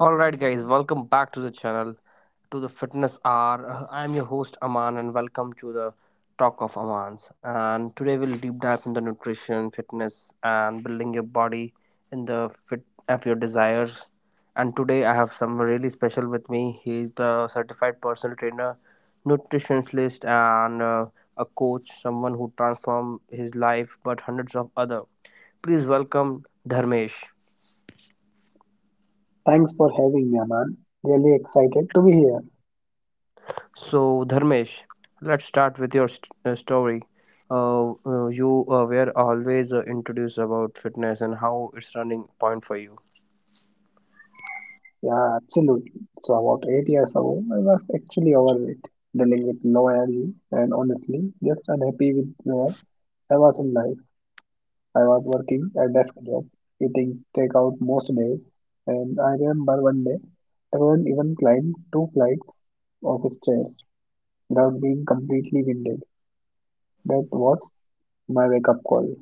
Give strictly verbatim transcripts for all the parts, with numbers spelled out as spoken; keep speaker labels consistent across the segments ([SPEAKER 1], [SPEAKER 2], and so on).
[SPEAKER 1] Alright, guys, welcome back to the channel to the Fitness Hour. Uh, I'm your host Aman, and welcome to the Talk of Amans. And today we'll deep dive into nutrition, fitness, and building your body in the fit of your desires. And today I have someone really special with me. He's the certified personal trainer, nutritionist, and uh, a coach, someone who transformed his life but hundreds of other. Please welcome Dharmesh.
[SPEAKER 2] Thanks for having me, Aman. Really excited to be here.
[SPEAKER 1] So, Dharmesh, let's start with your st- uh, story. Uh, uh, you uh, were always uh, introduced about fitness and how it's running point for you.
[SPEAKER 2] Yeah, absolutely. So about eight years ago, I was actually overweight, dealing with low energy, and honestly, just unhappy with where I was in life. I was working a desk job, eating takeout most days, and I remember one day, I couldn't even climb two flights of stairs without being completely winded. That was my wake-up call.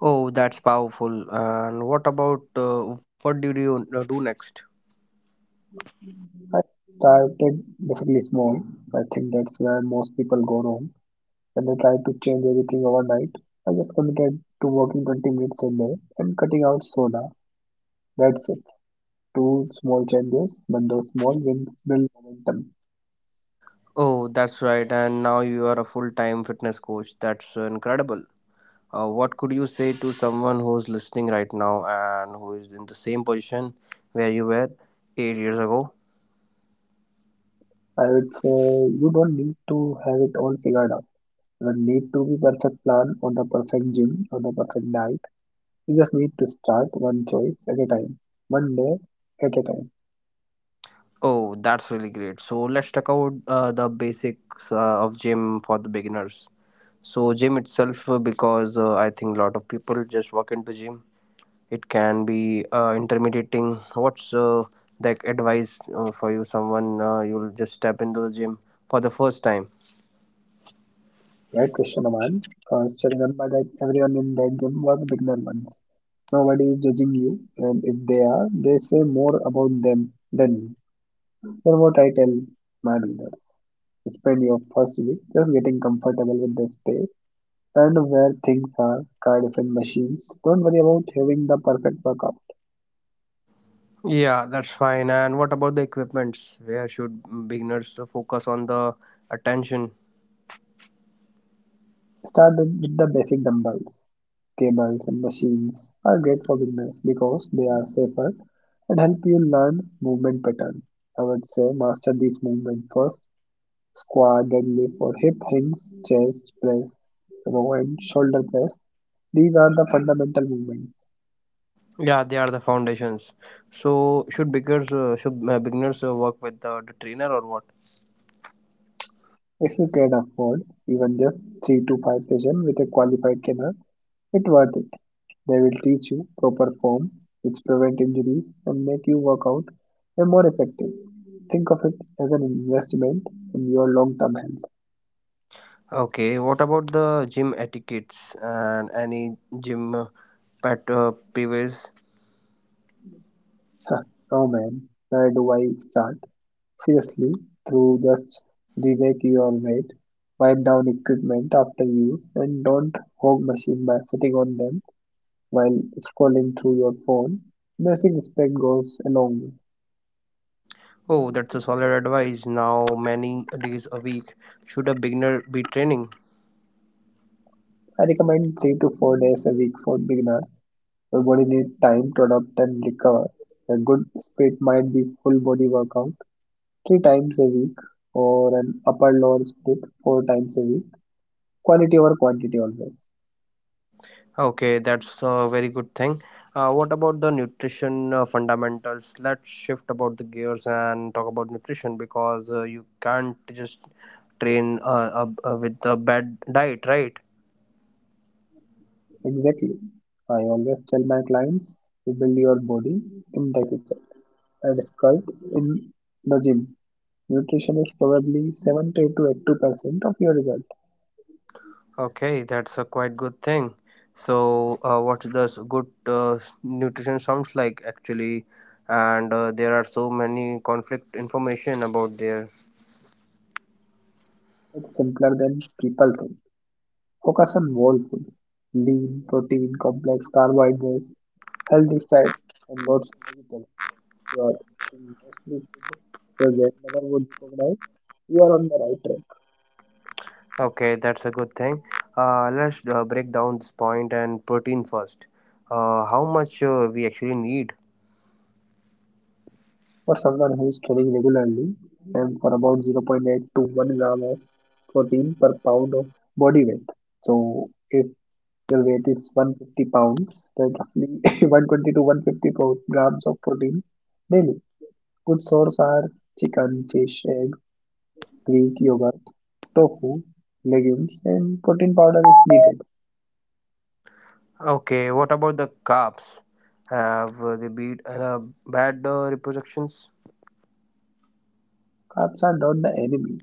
[SPEAKER 1] Oh, that's powerful. And what about uh, what did you uh, do next?
[SPEAKER 2] I started basically small. I think that's where most people go wrong when they try to change everything overnight. I just committed to working twenty minutes a day and cutting out soda. That's it. Two small changes, but those small wins build momentum.
[SPEAKER 1] Oh, that's right. And now you are a full-time fitness coach. That's uh, incredible. Uh, what could you say to someone who's listening right now and who is in the same position where you were eight years ago?
[SPEAKER 2] I would say you don't need to have it all figured out. You don't need to be perfect plan or the perfect gym or the perfect diet. You just need to start one choice at a time, one day at a time.
[SPEAKER 1] Oh, that's really great. So let's talk about uh, the basics uh, of gym for the beginners. So gym itself, uh, because uh, I think a lot of people just walk into gym. It can be uh, intimidating. What's uh, like advice uh, for you? Someone uh, you'll just step into the gym for the first time.
[SPEAKER 2] Great question, Aman. First, remember that everyone in that gym was beginner once. Nobody is judging you, and if they are, they say more about them than you. Hear what I tell my builders. Spend your first week just getting comfortable with the space. Learn where things are, try different machines. Don't worry about having the perfect workout.
[SPEAKER 1] Yeah, that's fine. And what about the equipments? Where should beginners focus on the attention?
[SPEAKER 2] Start with the basic dumbbells, cables, and machines are great for beginners because they are safer and help you learn movement patterns. I would say master these movements first: squat, deadlift, or hip hinge, chest press, row, and shoulder press. These are the fundamental movements.
[SPEAKER 1] Yeah, they are the foundations. So should beginners uh, should uh, beginners uh, work with the, the trainer or what?
[SPEAKER 2] If you can afford even just three to five sessions with a qualified trainer, it worth it. They will teach you proper form, which prevent injuries and make you work out way more effective. Think of it as an investment in your long-term health.
[SPEAKER 1] Okay, what about the gym etiquettes and any gym uh, pet uh, peeves?
[SPEAKER 2] Oh man, where do I start? Seriously, through just re-rack your weight, wipe down equipment after use, and don't hog machine by sitting on them while scrolling through your phone. Basic respect goes a long way.
[SPEAKER 1] Oh, that's a solid advice. Now, many days a week should a beginner be training?
[SPEAKER 2] I recommend three to four days a week for beginners. Your body needs time to adapt and recover. A good split might be full body workout three times a week or an upper lower split four times a week. Quality over quantity always.
[SPEAKER 1] Okay, that's a very good thing. Uh, what about the nutrition uh, fundamentals? Let's shift about the gears and talk about nutrition because uh, you can't just train uh, uh, uh, with a bad diet, right?
[SPEAKER 2] Exactly. I always tell my clients you build your body in the kitchen and sculpt in the gym. Nutrition is probably seventy to eighty percent of your result.
[SPEAKER 1] Okay, that's a quite good thing. So, uh, what does good uh, nutrition sounds like actually? And uh, there are so many conflict information about there.
[SPEAKER 2] It's simpler than people think. Focus on whole food, lean, protein, complex carbohydrates, healthy fats and lots of vegetables. If you are eating mostly food your grandmother would recognize, you are on the right track.
[SPEAKER 1] Okay, that's a good thing. Uh, let's uh, break down this point and protein first. Uh, how much uh, we actually need?
[SPEAKER 2] For someone who is training regularly, and for about zero point zero point eight to one gram of protein per pound of body weight. So if your weight is one hundred fifty pounds, then roughly one hundred twenty to one hundred fifty pro- grams of protein daily. Good sources are chicken, fish, egg, Greek yogurt, tofu, legumes, and protein powder is needed.
[SPEAKER 1] Okay, what about the carbs? Have uh, they been uh, bad uh, repercussions?
[SPEAKER 2] Carbs are not the enemy,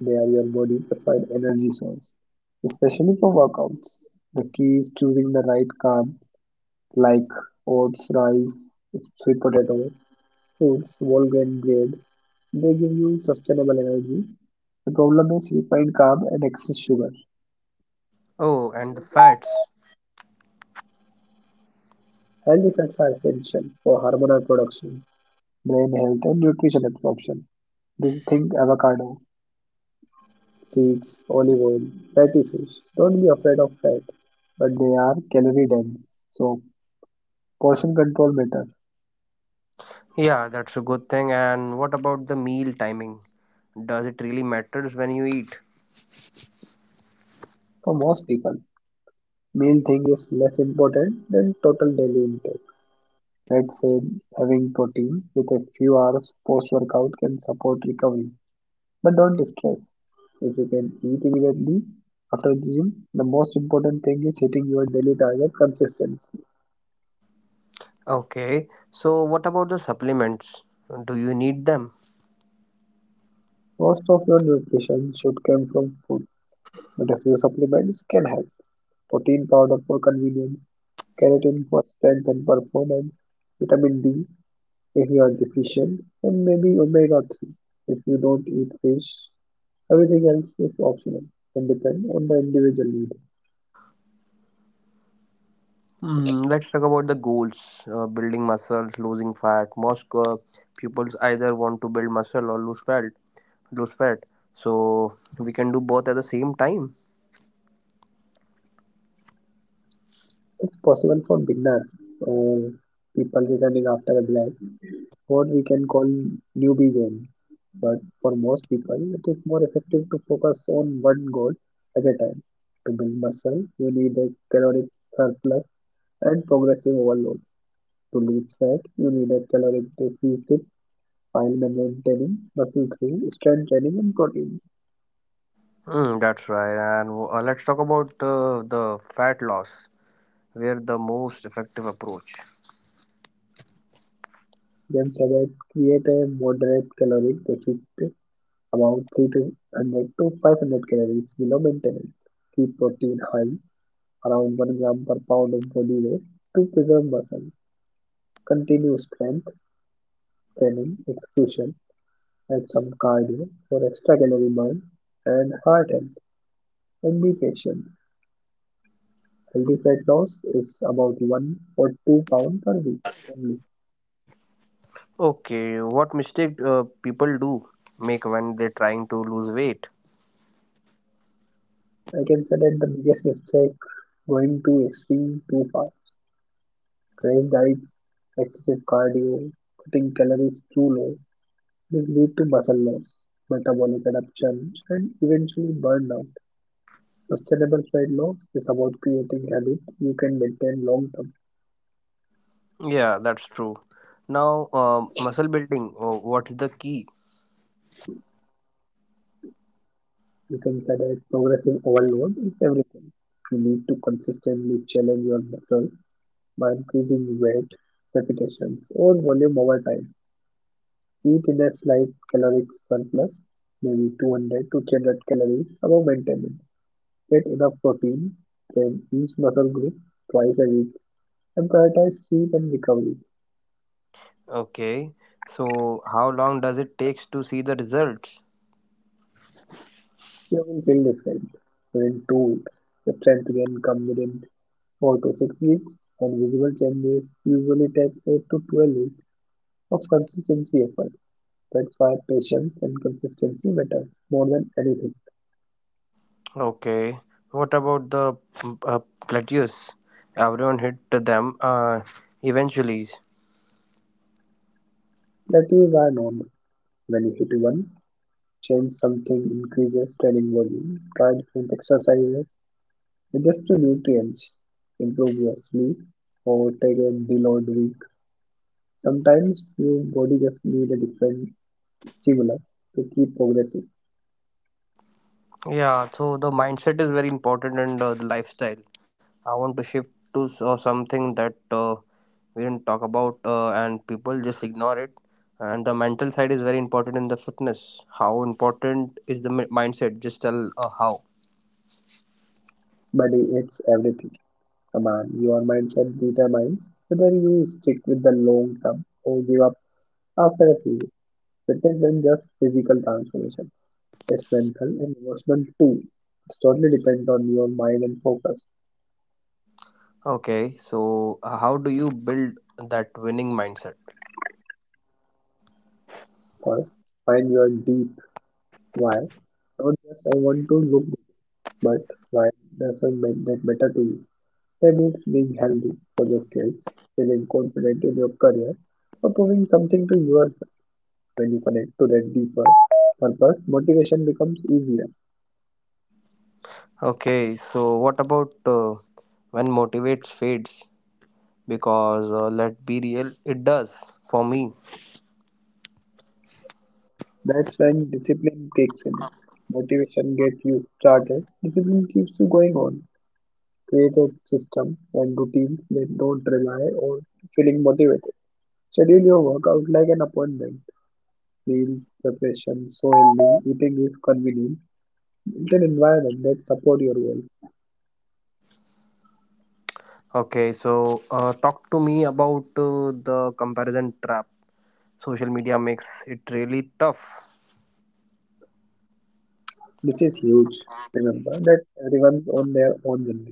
[SPEAKER 2] they are your body's preferred energy source, especially for workouts. The key is choosing the right carb like oats, rice, sweet potato, fruits, whole grain bread. They give you sustainable energy. The problem is refined carb and excess sugar.
[SPEAKER 1] Oh, and the fats.
[SPEAKER 2] Health effects are essential for hormonal production, brain health, and nutrition absorption. This think avocado, cheese, olive oil, fatty fish. Don't be afraid of fat, but they are calorie dense, so portion control matters
[SPEAKER 1] Yeah, that's a good thing. And what about the meal timing? Does it really matters when you eat?
[SPEAKER 2] for most people. Meal thing is less important than total daily intake. Let's say having protein with a few hours post workout can support recovery, but don't stress. If you can eat immediately after the gym, the most important thing is hitting your daily target consistently.
[SPEAKER 1] Okay, so what about the supplements? Do you need them?
[SPEAKER 2] Most of your nutrition should come from food, but a few supplements can help. Protein powder for convenience, keratin for strength and performance, vitamin D if you are deficient, and maybe omega three if you don't eat fish. Everything else is optional and depend on the individual need.
[SPEAKER 1] Mm, let's talk about the goals. Uh, building muscles, losing fat. Most uh, pupils either want to build muscle or lose fat. Lose fat. So we can do both at the same time.
[SPEAKER 2] It's possible for beginners or people returning after a blank, what we can call newbie game. But for most people, it is more effective to focus on one goal at a time. To build muscle, you need a caloric surplus and progressive overload. To lose fat, you need a caloric deficit while maintaining muscle through strength training and protein.
[SPEAKER 1] Mm, that's right. And uh, let's talk about uh, the fat loss. Where the most effective approach.
[SPEAKER 2] Then separate, create a moderate caloric deficit about three hundred to five hundred calories below maintenance. Keep protein high, around one gram per pound of body weight to preserve muscle. Continue strength training, execution, and some cardio for extra calorie burn and heart health. And be patient. Healthy fat loss is about one or two pound per week only.
[SPEAKER 1] Okay, what mistake uh, people do make when they're trying to lose weight?
[SPEAKER 2] I can say that the biggest mistake going to extreme too fast. Crash diets, excessive cardio, cutting calories too low. This lead to muscle loss, metabolic adaptation and eventually burnout. Sustainable fat loss is about creating habit you can maintain long term.
[SPEAKER 1] Yeah, that's true. Now, uh, muscle building. Uh, what's the key?
[SPEAKER 2] You can say that progressive overload is everything. You need to consistently challenge your muscles by increasing weight, repetitions, or volume over time. Eat in a slight caloric surplus, maybe two hundred to three hundred calories above maintenance. Get enough protein, train each muscle group twice a week, and prioritize sleep and recovery.
[SPEAKER 1] Okay. So how long does it takes to see the results?
[SPEAKER 2] You will feel different within two weeks. The strength gain comes within four to six weeks, and visible changes usually take eight to twelve weeks of consistency efforts. That's why patience and consistency matter more than anything.
[SPEAKER 1] Okay. What about the mm, uh, plateaus? Everyone hit them uh, eventually.
[SPEAKER 2] That is keys are normal. When you hit one, change something increases training volume, try different exercises, adjust to nutrients, improve your sleep, or take a deal or week. Sometimes your body just needs a different stimulus to keep progressing.
[SPEAKER 1] Yeah. So the mindset is very important and uh, the lifestyle. I want to shift to s- uh, something that uh, we didn't talk about uh, and people just ignore it. And the mental side is very important in the fitness. How important is the mi- mindset? Just tell uh, how.
[SPEAKER 2] Body it's everything. Come on, your mindset determines whether you stick with the long term or give up after a few weeks. Fitness isn't just physical transformation. It's mental and emotional too. It's totally depend on your mind and focus.
[SPEAKER 1] Okay, so uh, how do you build that winning mindset?
[SPEAKER 2] First, find your deep why. Not just I want to look good, but why doesn't ma- that matter to you? Maybe it's being healthy for your kids, feeling confident in your career, or proving something to yourself. When you connect to that deeper purpose, motivation becomes easier.
[SPEAKER 1] Okay, so what about uh, when motivates fades? Because uh, let be real, it does for me.
[SPEAKER 2] That's when discipline kicks in. Motivation gets you started. Discipline keeps you going on. Created system and routines that don't rely on feeling motivated. Schedule your workout like an appointment. Meal preparation, so healthy eating is convenient. Build an environment that support your goal.
[SPEAKER 1] Okay, so uh, talk to me about uh, the comparison trap. Social media makes it really tough.
[SPEAKER 2] This is huge. Remember that everyone's on their own journey.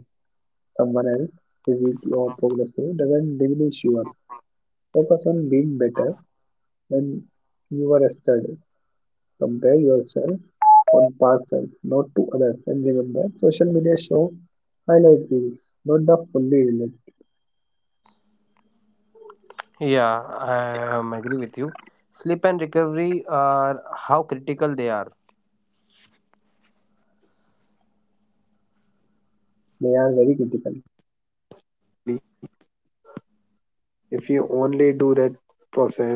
[SPEAKER 2] Someone else, physique or progressive, doesn't diminish yours. Focus on being better than you were yesterday. Compare yourself on past self, not to others. And remember, social media show highlight reels, not the fully real.
[SPEAKER 1] Yeah, I um, agree with you. Sleep and recovery are how critical they are.
[SPEAKER 2] They are very critical. If you only do that process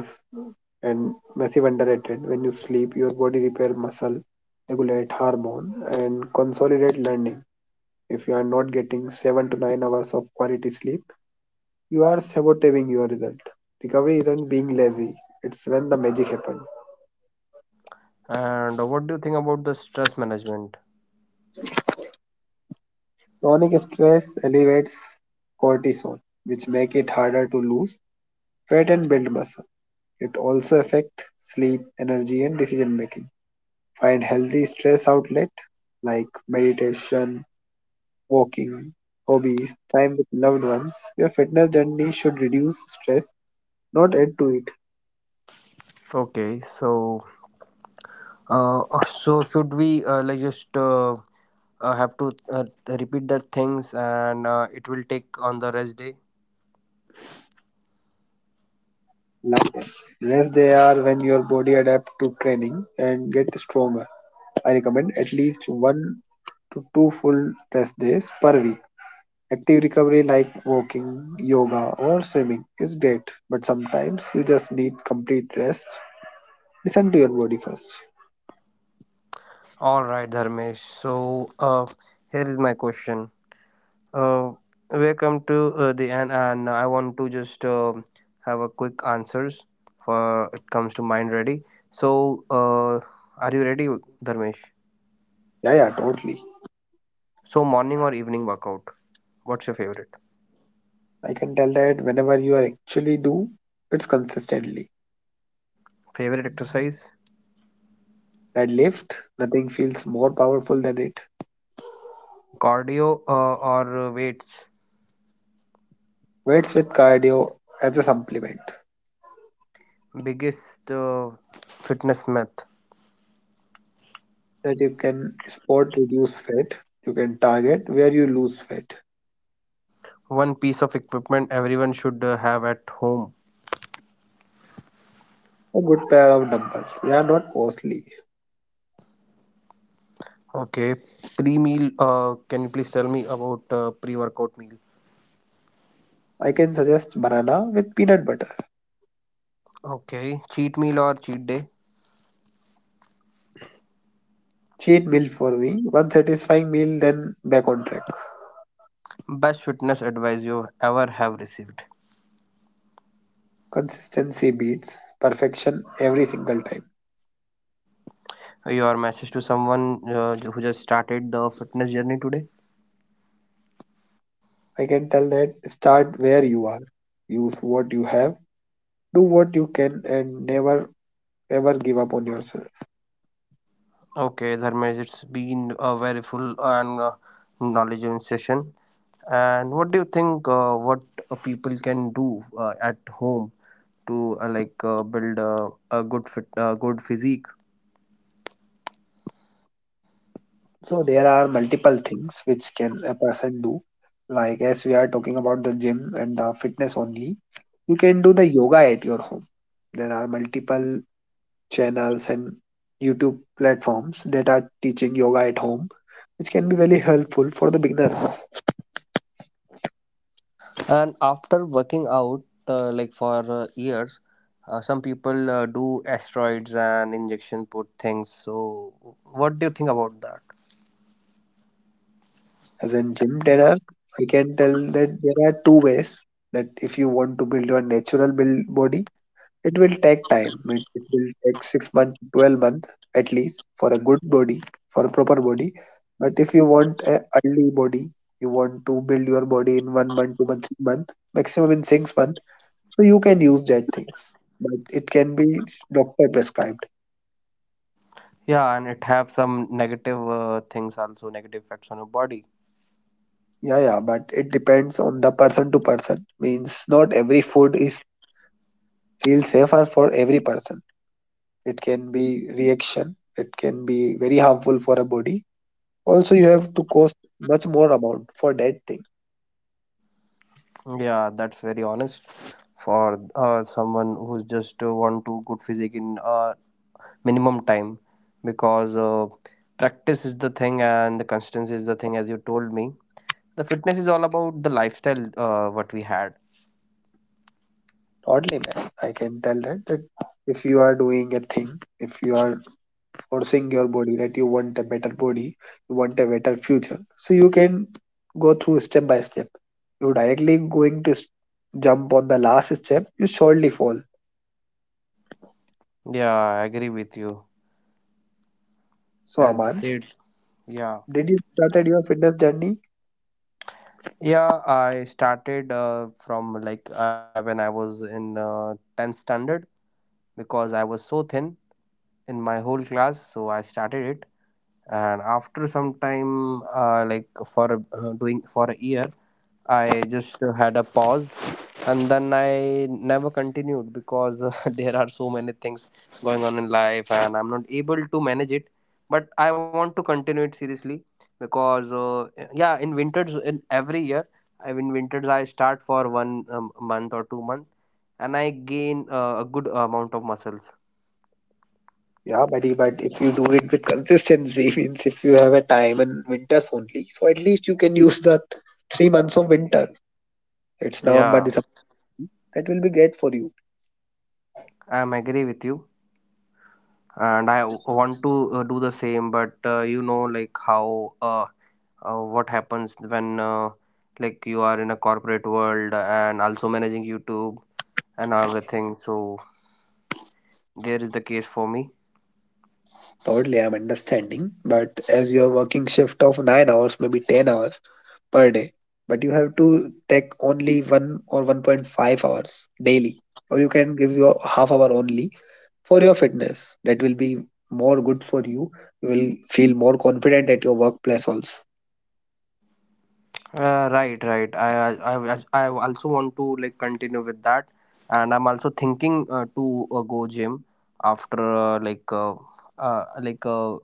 [SPEAKER 2] and massive underrated when you sleep, your body repair muscle, regulate hormone, and consolidate learning. If you are not getting seven to nine hours of quality sleep, you are sabotaging your result. Recovery isn't being lazy; it's when the magic happens.
[SPEAKER 1] And what do you think about the stress management?
[SPEAKER 2] Chronic stress elevates cortisol, which make it harder to lose fat and build muscle. It also affects sleep, energy, and decision making. Find healthy stress outlet like meditation, walking, hobbies, time with loved ones. Your fitness journey should reduce stress, not add to it.
[SPEAKER 1] Okay, so Uh, uh, so should we uh, like just uh, uh, have to uh, repeat that things and uh, it will take on the rest day?
[SPEAKER 2] Love them. Rest they are when your body adapts to training and get stronger. I recommend at least one to two full rest days per week. Active recovery like walking, yoga, or swimming is great, but sometimes you just need complete rest. Listen to your body first.
[SPEAKER 1] All right, Dharmesh. So uh, here is my question. Uh, we come to uh, the end, and I want to just uh, have a quick answers for it comes to mind ready. So uh, are you ready, Dharmesh?
[SPEAKER 2] Yeah, yeah, totally.
[SPEAKER 1] So morning or evening workout? What's your favorite?
[SPEAKER 2] I can tell that whenever you are actually do, it's consistently.
[SPEAKER 1] Favorite exercise?
[SPEAKER 2] Deadlift, nothing feels more powerful than it.
[SPEAKER 1] Cardio uh, or uh, weights?
[SPEAKER 2] Weights with cardio as a supplement
[SPEAKER 1] Biggest uh, fitness myth.
[SPEAKER 2] that you can spot reduce fat. You can target where you lose fat.
[SPEAKER 1] One piece of equipment everyone should uh, have at home.
[SPEAKER 2] A good pair of dumbbells. They are not costly.
[SPEAKER 1] Okay. Pre meal, uh, can you please tell me about uh, pre workout meal?
[SPEAKER 2] I can suggest banana with peanut butter.
[SPEAKER 1] Okay. Cheat meal or cheat day?
[SPEAKER 2] Cheat meal for me. One satisfying meal, then back on track.
[SPEAKER 1] Best fitness advice you ever have received.
[SPEAKER 2] Consistency beats perfection every single time.
[SPEAKER 1] Your message to someone uh, who just started the fitness journey today?
[SPEAKER 2] I can tell that start where you are, use what you have, do what you can, and never ever give up on yourself.
[SPEAKER 1] Okay, Dharmesh, it's been a very full and uh, knowledgeable session. And what do you think? Uh, what uh, people can do uh, at home to uh, like uh, build a, a good fit, uh, good physique.
[SPEAKER 2] So, there are multiple things which can a person do. Like, as we are talking about the gym and the fitness only, you can do the yoga at your home. There are multiple channels and YouTube platforms that are teaching yoga at home, which can be very helpful for the beginners.
[SPEAKER 1] And after working out uh, like for uh, years, uh, some people uh, do asteroids and injection put things. So, what do you think about that?
[SPEAKER 2] As in gym trainer, I can tell that there are two ways that if you want to build your natural build body, it will take time. It, it will take six months, twelve months at least for a good body, for a proper body. But if you want a early body, you want to build your body in one month, two month, three month, maximum in six month. So you can use that things, but it can be doctor prescribed.
[SPEAKER 1] Yeah, and it have some negative uh, things also, negative effects on your body.
[SPEAKER 2] Yeah, yeah, but it depends on the person to person. Means not every food is feel safer for every person. It can be reaction. It can be very harmful for a body. Also, you have to cost much more amount for that thing.
[SPEAKER 1] Yeah, that's very honest for uh, someone who's just uh, want to good physique in uh, minimum time because uh, practice is the thing and the consistency is the thing as you told me the fitness is all about the lifestyle uh, what we had.
[SPEAKER 2] Oddly, man, I can tell that that if you are doing a thing, if you are forcing your body that you want a better body, you want a better future. So you can go through step by step. You directly going to s- jump on the last step, you surely fall.
[SPEAKER 1] Yeah, I agree with you.
[SPEAKER 2] So
[SPEAKER 1] As you
[SPEAKER 2] Aman,
[SPEAKER 1] said, yeah,
[SPEAKER 2] did you started your fitness journey?
[SPEAKER 1] yeah, I started uh, from like I, when I was in uh, tenth standard because I was so thin in my whole class, so I started it. And after some time uh, like for uh, doing for a year, I just had a pause, and then I never continued because uh, there are so many things going on in life and I'm not able to manage it. But I want to continue it seriously because, uh, yeah, in winters, in every year, I in winters I start for one um, month or two months, and I gain uh, a good amount of muscles.
[SPEAKER 2] Yeah, buddy, but if you do it with consistency, means if you have a time in winters only, so at least you can use the three months of winter. It's November,
[SPEAKER 1] Yeah,
[SPEAKER 2] December. That will be great for you.
[SPEAKER 1] I'm agree with you, and I w- want to uh, do the same, but uh, you know, like how uh, uh, what happens when uh, like you are in a corporate world and also managing YouTube and everything, so there is the case for me.
[SPEAKER 2] Totally, I'm understanding. But as you're working shift of nine hours, maybe ten hours, per day, but you have to take only one or one point five hours daily, or you can give your half hour only for your fitness. That will be more good for you. You will feel more confident at your workplace also.
[SPEAKER 1] Uh, right, right. I, I, I I also want to like continue with that, and I'm also thinking uh, to uh, go gym after uh, like uh, uh, like uh,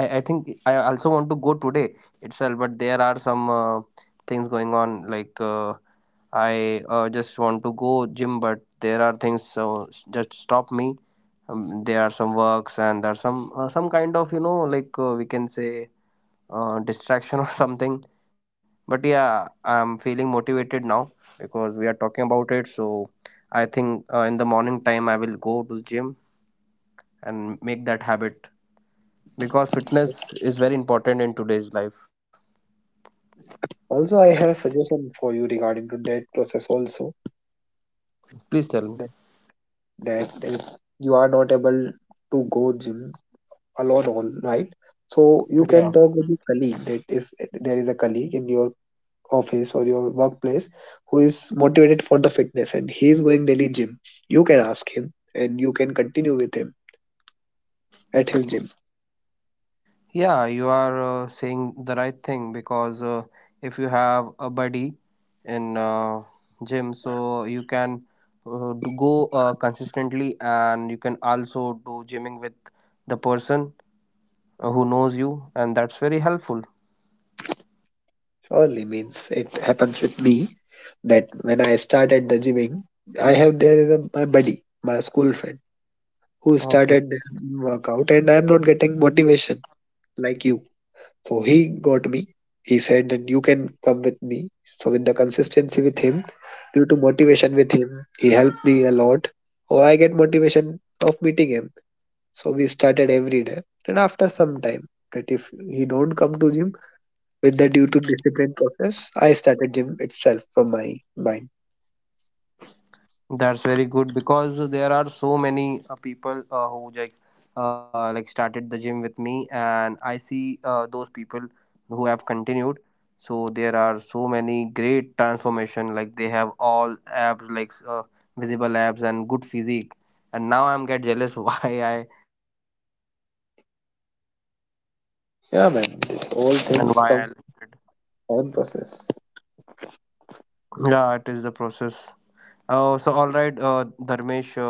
[SPEAKER 1] I I think I also want to go today itself, but there are some uh, things going on. Like uh, I uh, just want to go gym, but there are things so just stop me. Um, there are some works and there are some uh, some kind of you know like uh, we can say uh, distraction or something. But yeah, I'm feeling motivated now because we are talking about it. So I think uh, in the morning time I will go to gym and make that habit because fitness is very important in today's life.
[SPEAKER 2] Also, I have a suggestion for you regarding to that process also.
[SPEAKER 1] Please tell me.
[SPEAKER 2] That that is you are not able to go gym alone, all right? So you can
[SPEAKER 1] Yeah.
[SPEAKER 2] talk with your colleague that if there is a colleague in your office or your workplace who is motivated for the fitness and he is going daily gym, you can ask him and you can continue with him at his gym.
[SPEAKER 1] Yeah, you are uh, saying the right thing because uh, if you have a buddy in uh, gym, so you can uh, do go uh, consistently and you can also do gymming with the person uh, who knows you, and that's very helpful.
[SPEAKER 2] Surely means it happens with me that when I started the gymming, I have there is a, my buddy, my school friend who
[SPEAKER 1] Okay.
[SPEAKER 2] started workout and I am not getting motivation like you. So he got me. He said that you can come with me. So with the consistency with him, due to motivation with him, he helped me a lot. Or I get motivation of meeting him. So we started every day. And after some time, that if he don't come to gym with the due to discipline process, I started gym itself from my mind.
[SPEAKER 1] That's very good because there are so many uh, people uh, who like uh, like started the gym with me, and I see uh, those people who have continued, so there are so many great transformation, like they have all abs, like uh, visible abs and good physique, and now I'm get jealous why I
[SPEAKER 2] Yeah, man. This all things
[SPEAKER 3] And
[SPEAKER 2] come
[SPEAKER 3] while
[SPEAKER 2] on process.
[SPEAKER 3] yeah it is the process. Oh, so all right, uh, Dharmesh, uh,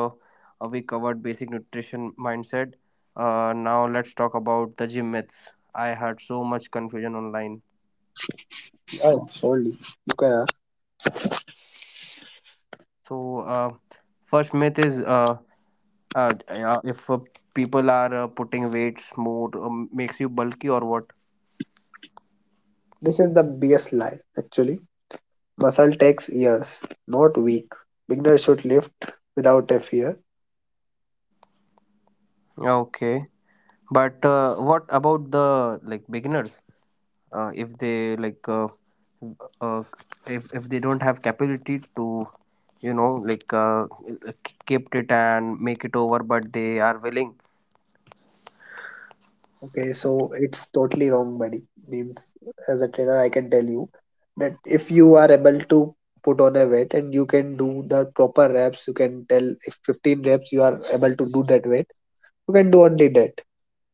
[SPEAKER 3] uh, we covered basic nutrition mindset. Uh, now let's talk about the gym myths. I had so much confusion online.
[SPEAKER 2] Yeah, surely you can ask.
[SPEAKER 3] So uh, first myth is uh, uh, yeah, if uh, people are uh, putting weights more um, makes you bulky or what.
[SPEAKER 2] This is the biggest lie actually. Muscle takes years, not week. Beginner should lift without a fear.
[SPEAKER 3] Okay, but uh, what about the like beginners, uh, if they like uh, uh, if, if they don't have capability to, you know, like uh, keep it and make it over, but they are willing.
[SPEAKER 2] Okay, so it's totally wrong, buddy. Means as a trainer, I can tell you that if you are able to put on a weight and you can do the proper reps, you can tell if fifteen reps you are able to do that weight, you can do only that.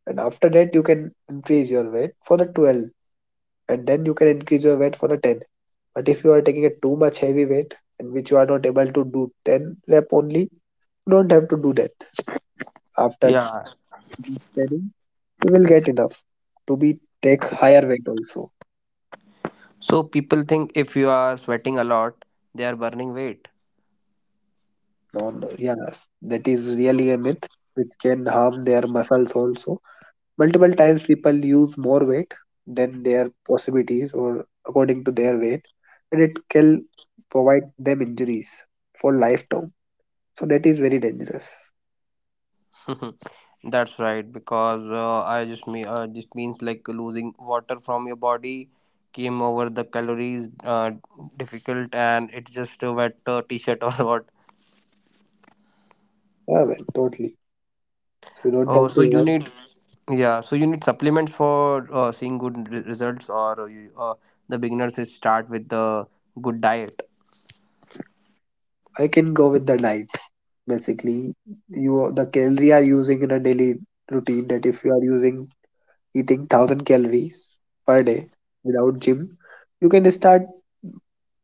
[SPEAKER 2] And after that, you can increase your weight for the twelve, and then you can increase your weight for the ten. But if you are taking a too much heavy weight and which you are not able to do ten rep only, you don't have to do that. After
[SPEAKER 3] Yeah,
[SPEAKER 2] studying, you will get enough to be take higher weight also.
[SPEAKER 3] so people think if you are sweating a lot they are burning weight.
[SPEAKER 2] No, no, yes, that is really a myth which can harm their muscles also. Multiple times people use more weight than their possibilities or according to their weight, and it can provide them injuries for lifetime, so that is very dangerous.
[SPEAKER 3] That's right, because uh, I just mean uh, just means like losing water from your body, came over the calories uh, difficult, and it's just a wet uh, t-shirt or what.
[SPEAKER 2] Yeah, man, totally. So you don't
[SPEAKER 3] Oh,
[SPEAKER 2] have to
[SPEAKER 3] so you
[SPEAKER 2] worry.
[SPEAKER 3] need, yeah, so you need supplements for uh, seeing good re- results, or you, uh, the beginners is start with the good diet.
[SPEAKER 2] I can go with the diet. Basically, you the calorie are using in a daily routine that if you are using eating one thousand calories per day without gym, you can start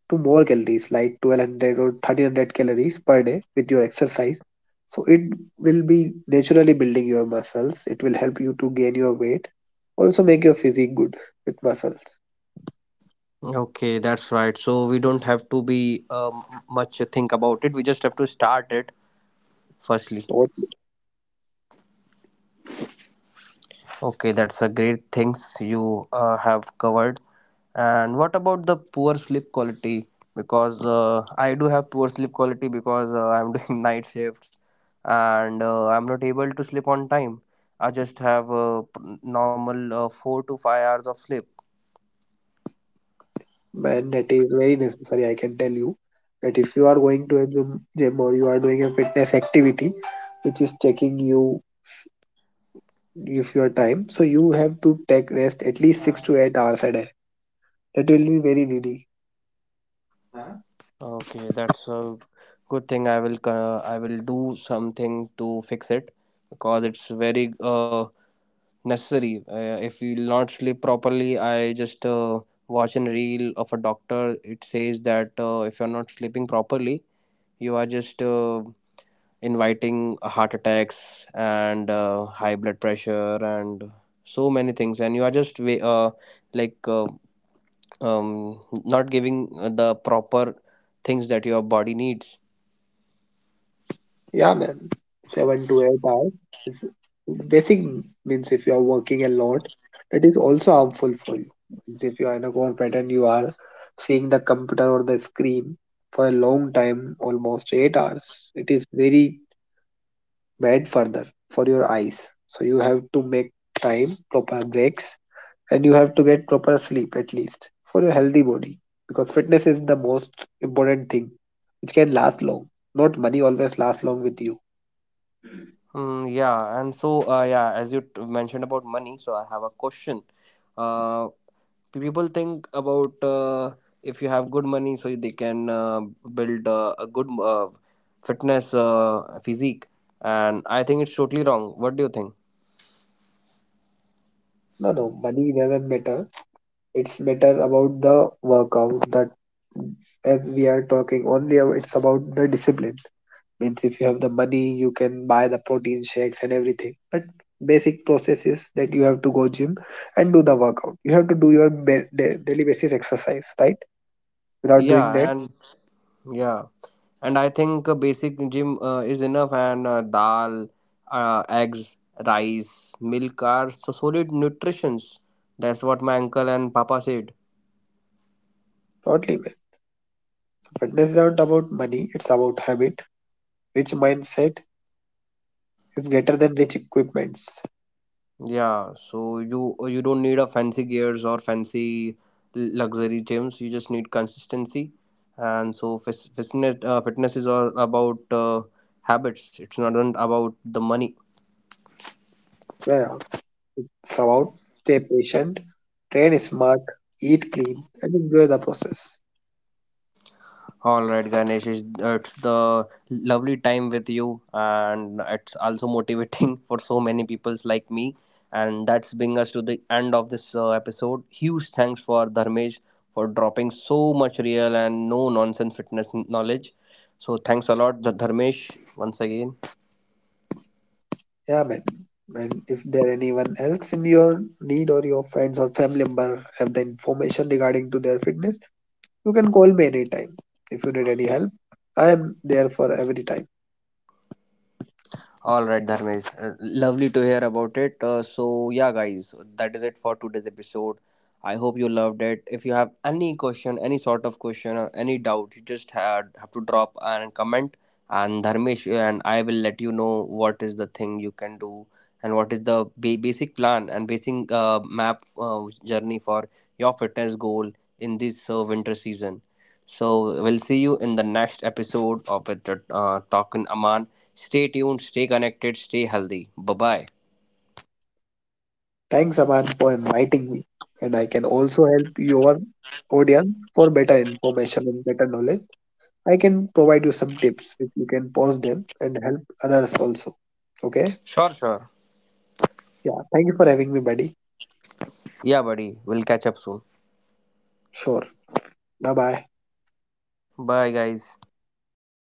[SPEAKER 2] to more calories like twelve hundred or thirteen hundred calories per day with your exercise. So it will be naturally building your muscles. It will help you to gain your weight, also make your physique good with muscles.
[SPEAKER 3] Okay, that's right. So we don't have to be um, much think about it. We just have to start it firstly.
[SPEAKER 2] So
[SPEAKER 3] Okay, that's a great things you uh, have covered. And what about the poor sleep quality? Because uh, I do have poor sleep quality, because uh, I'm doing night shifts and uh, I'm not able to sleep on time. I just have uh, p- normal uh, four to five hours of sleep.
[SPEAKER 2] man, that is very necessary. I can tell you that if you are going to a gym, gym or you are doing a fitness activity, which is taking you of your time. So you have to take rest at least six to eight hours a day. That will be very needy.
[SPEAKER 3] Okay, that's a good thing. I will, uh, I will do something to fix it because it's very uh, necessary. Uh, if you will not sleep properly, I just uh, watch a reel of a doctor. It says that uh, if you're not sleeping properly you are just uh, inviting heart attacks and uh, high blood pressure and so many things, and you are just wa- uh, like uh, um, not giving uh, the proper things that your body needs.
[SPEAKER 2] Yeah, man. Seven to eight hours. Is basic means if you are working a lot, that is also harmful for you. Means if you are in a corporate and you are seeing the computer or the screen for a long time, almost eight hours, it is very bad further for your eyes. So you have to make time, proper breaks, and you have to get proper sleep at least for your healthy body because fitness is the most important thing which can last long. Not money always lasts long with you.
[SPEAKER 3] Mm, yeah, and so uh, yeah, as you t- mentioned about money, so I have a question. Uh, People think about uh, if you have good money, so they can uh, build uh, a good uh, fitness uh, physique, and I think it's totally wrong. What do you think?
[SPEAKER 2] No, no, money doesn't matter. It's matter about the workout that as we are talking only ab- it's about the discipline. Means if you have the money, you can buy the protein shakes and everything. But basic process is that you have to go gym and do the workout. You have to do your ba- da- daily basis exercise, right? Without doing
[SPEAKER 3] Yeah,
[SPEAKER 2] that,
[SPEAKER 3] and yeah, and I think a basic gym uh, is enough, and uh, dal, uh, eggs, rice, milk are so solid nutritions. That's what my uncle and papa said.
[SPEAKER 2] totally live. Fitness isn't about money, it's about habit. Rich mindset is greater than rich equipments.
[SPEAKER 3] Yeah, so you you don't need a fancy gears or fancy luxury gyms. You just need consistency, and so fis- fitness uh, fitness is all about uh, habits. It's not about the money.
[SPEAKER 2] Yeah, it's about stay patient, train smart, eat clean, and enjoy the process.
[SPEAKER 3] All right, Ganesh, it's it's the lovely time with you, and it's also motivating for so many peoples like me. And that's bring us to the end of this uh, episode. Huge thanks for Dharmesh for dropping so much real and no nonsense fitness knowledge. So thanks a lot, Dharmesh, once again.
[SPEAKER 2] Yeah, man. And if there anyone else in your need or your friends or family member have the information regarding to their fitness, you can call me anytime. If you need any help, I am there for every time.
[SPEAKER 3] All right, Dharmesh. Uh, lovely to hear about it. Uh, so, yeah, guys, that is it for today's episode. I hope you loved it. If you have any question, any sort of question, or any doubt, you just had, have to drop and comment. And Dharmesh and I will let you know what is the thing you can do and what is the ba- basic plan and basic uh, map uh, journey for your fitness goal in this uh, winter season. So, we'll see you in the next episode of it, uh, Talking Aman. Stay tuned, stay connected, stay healthy. Bye bye.
[SPEAKER 2] Thanks, Aman, for inviting me, and I can also help your audience for better information and better knowledge. I can provide you some tips which you can post them and help others also. Okay?
[SPEAKER 3] Sure, sure.
[SPEAKER 2] Yeah, thank you for having me, buddy.
[SPEAKER 3] Yeah, buddy. We'll catch up soon.
[SPEAKER 2] Sure. Bye bye.
[SPEAKER 3] Bye, guys.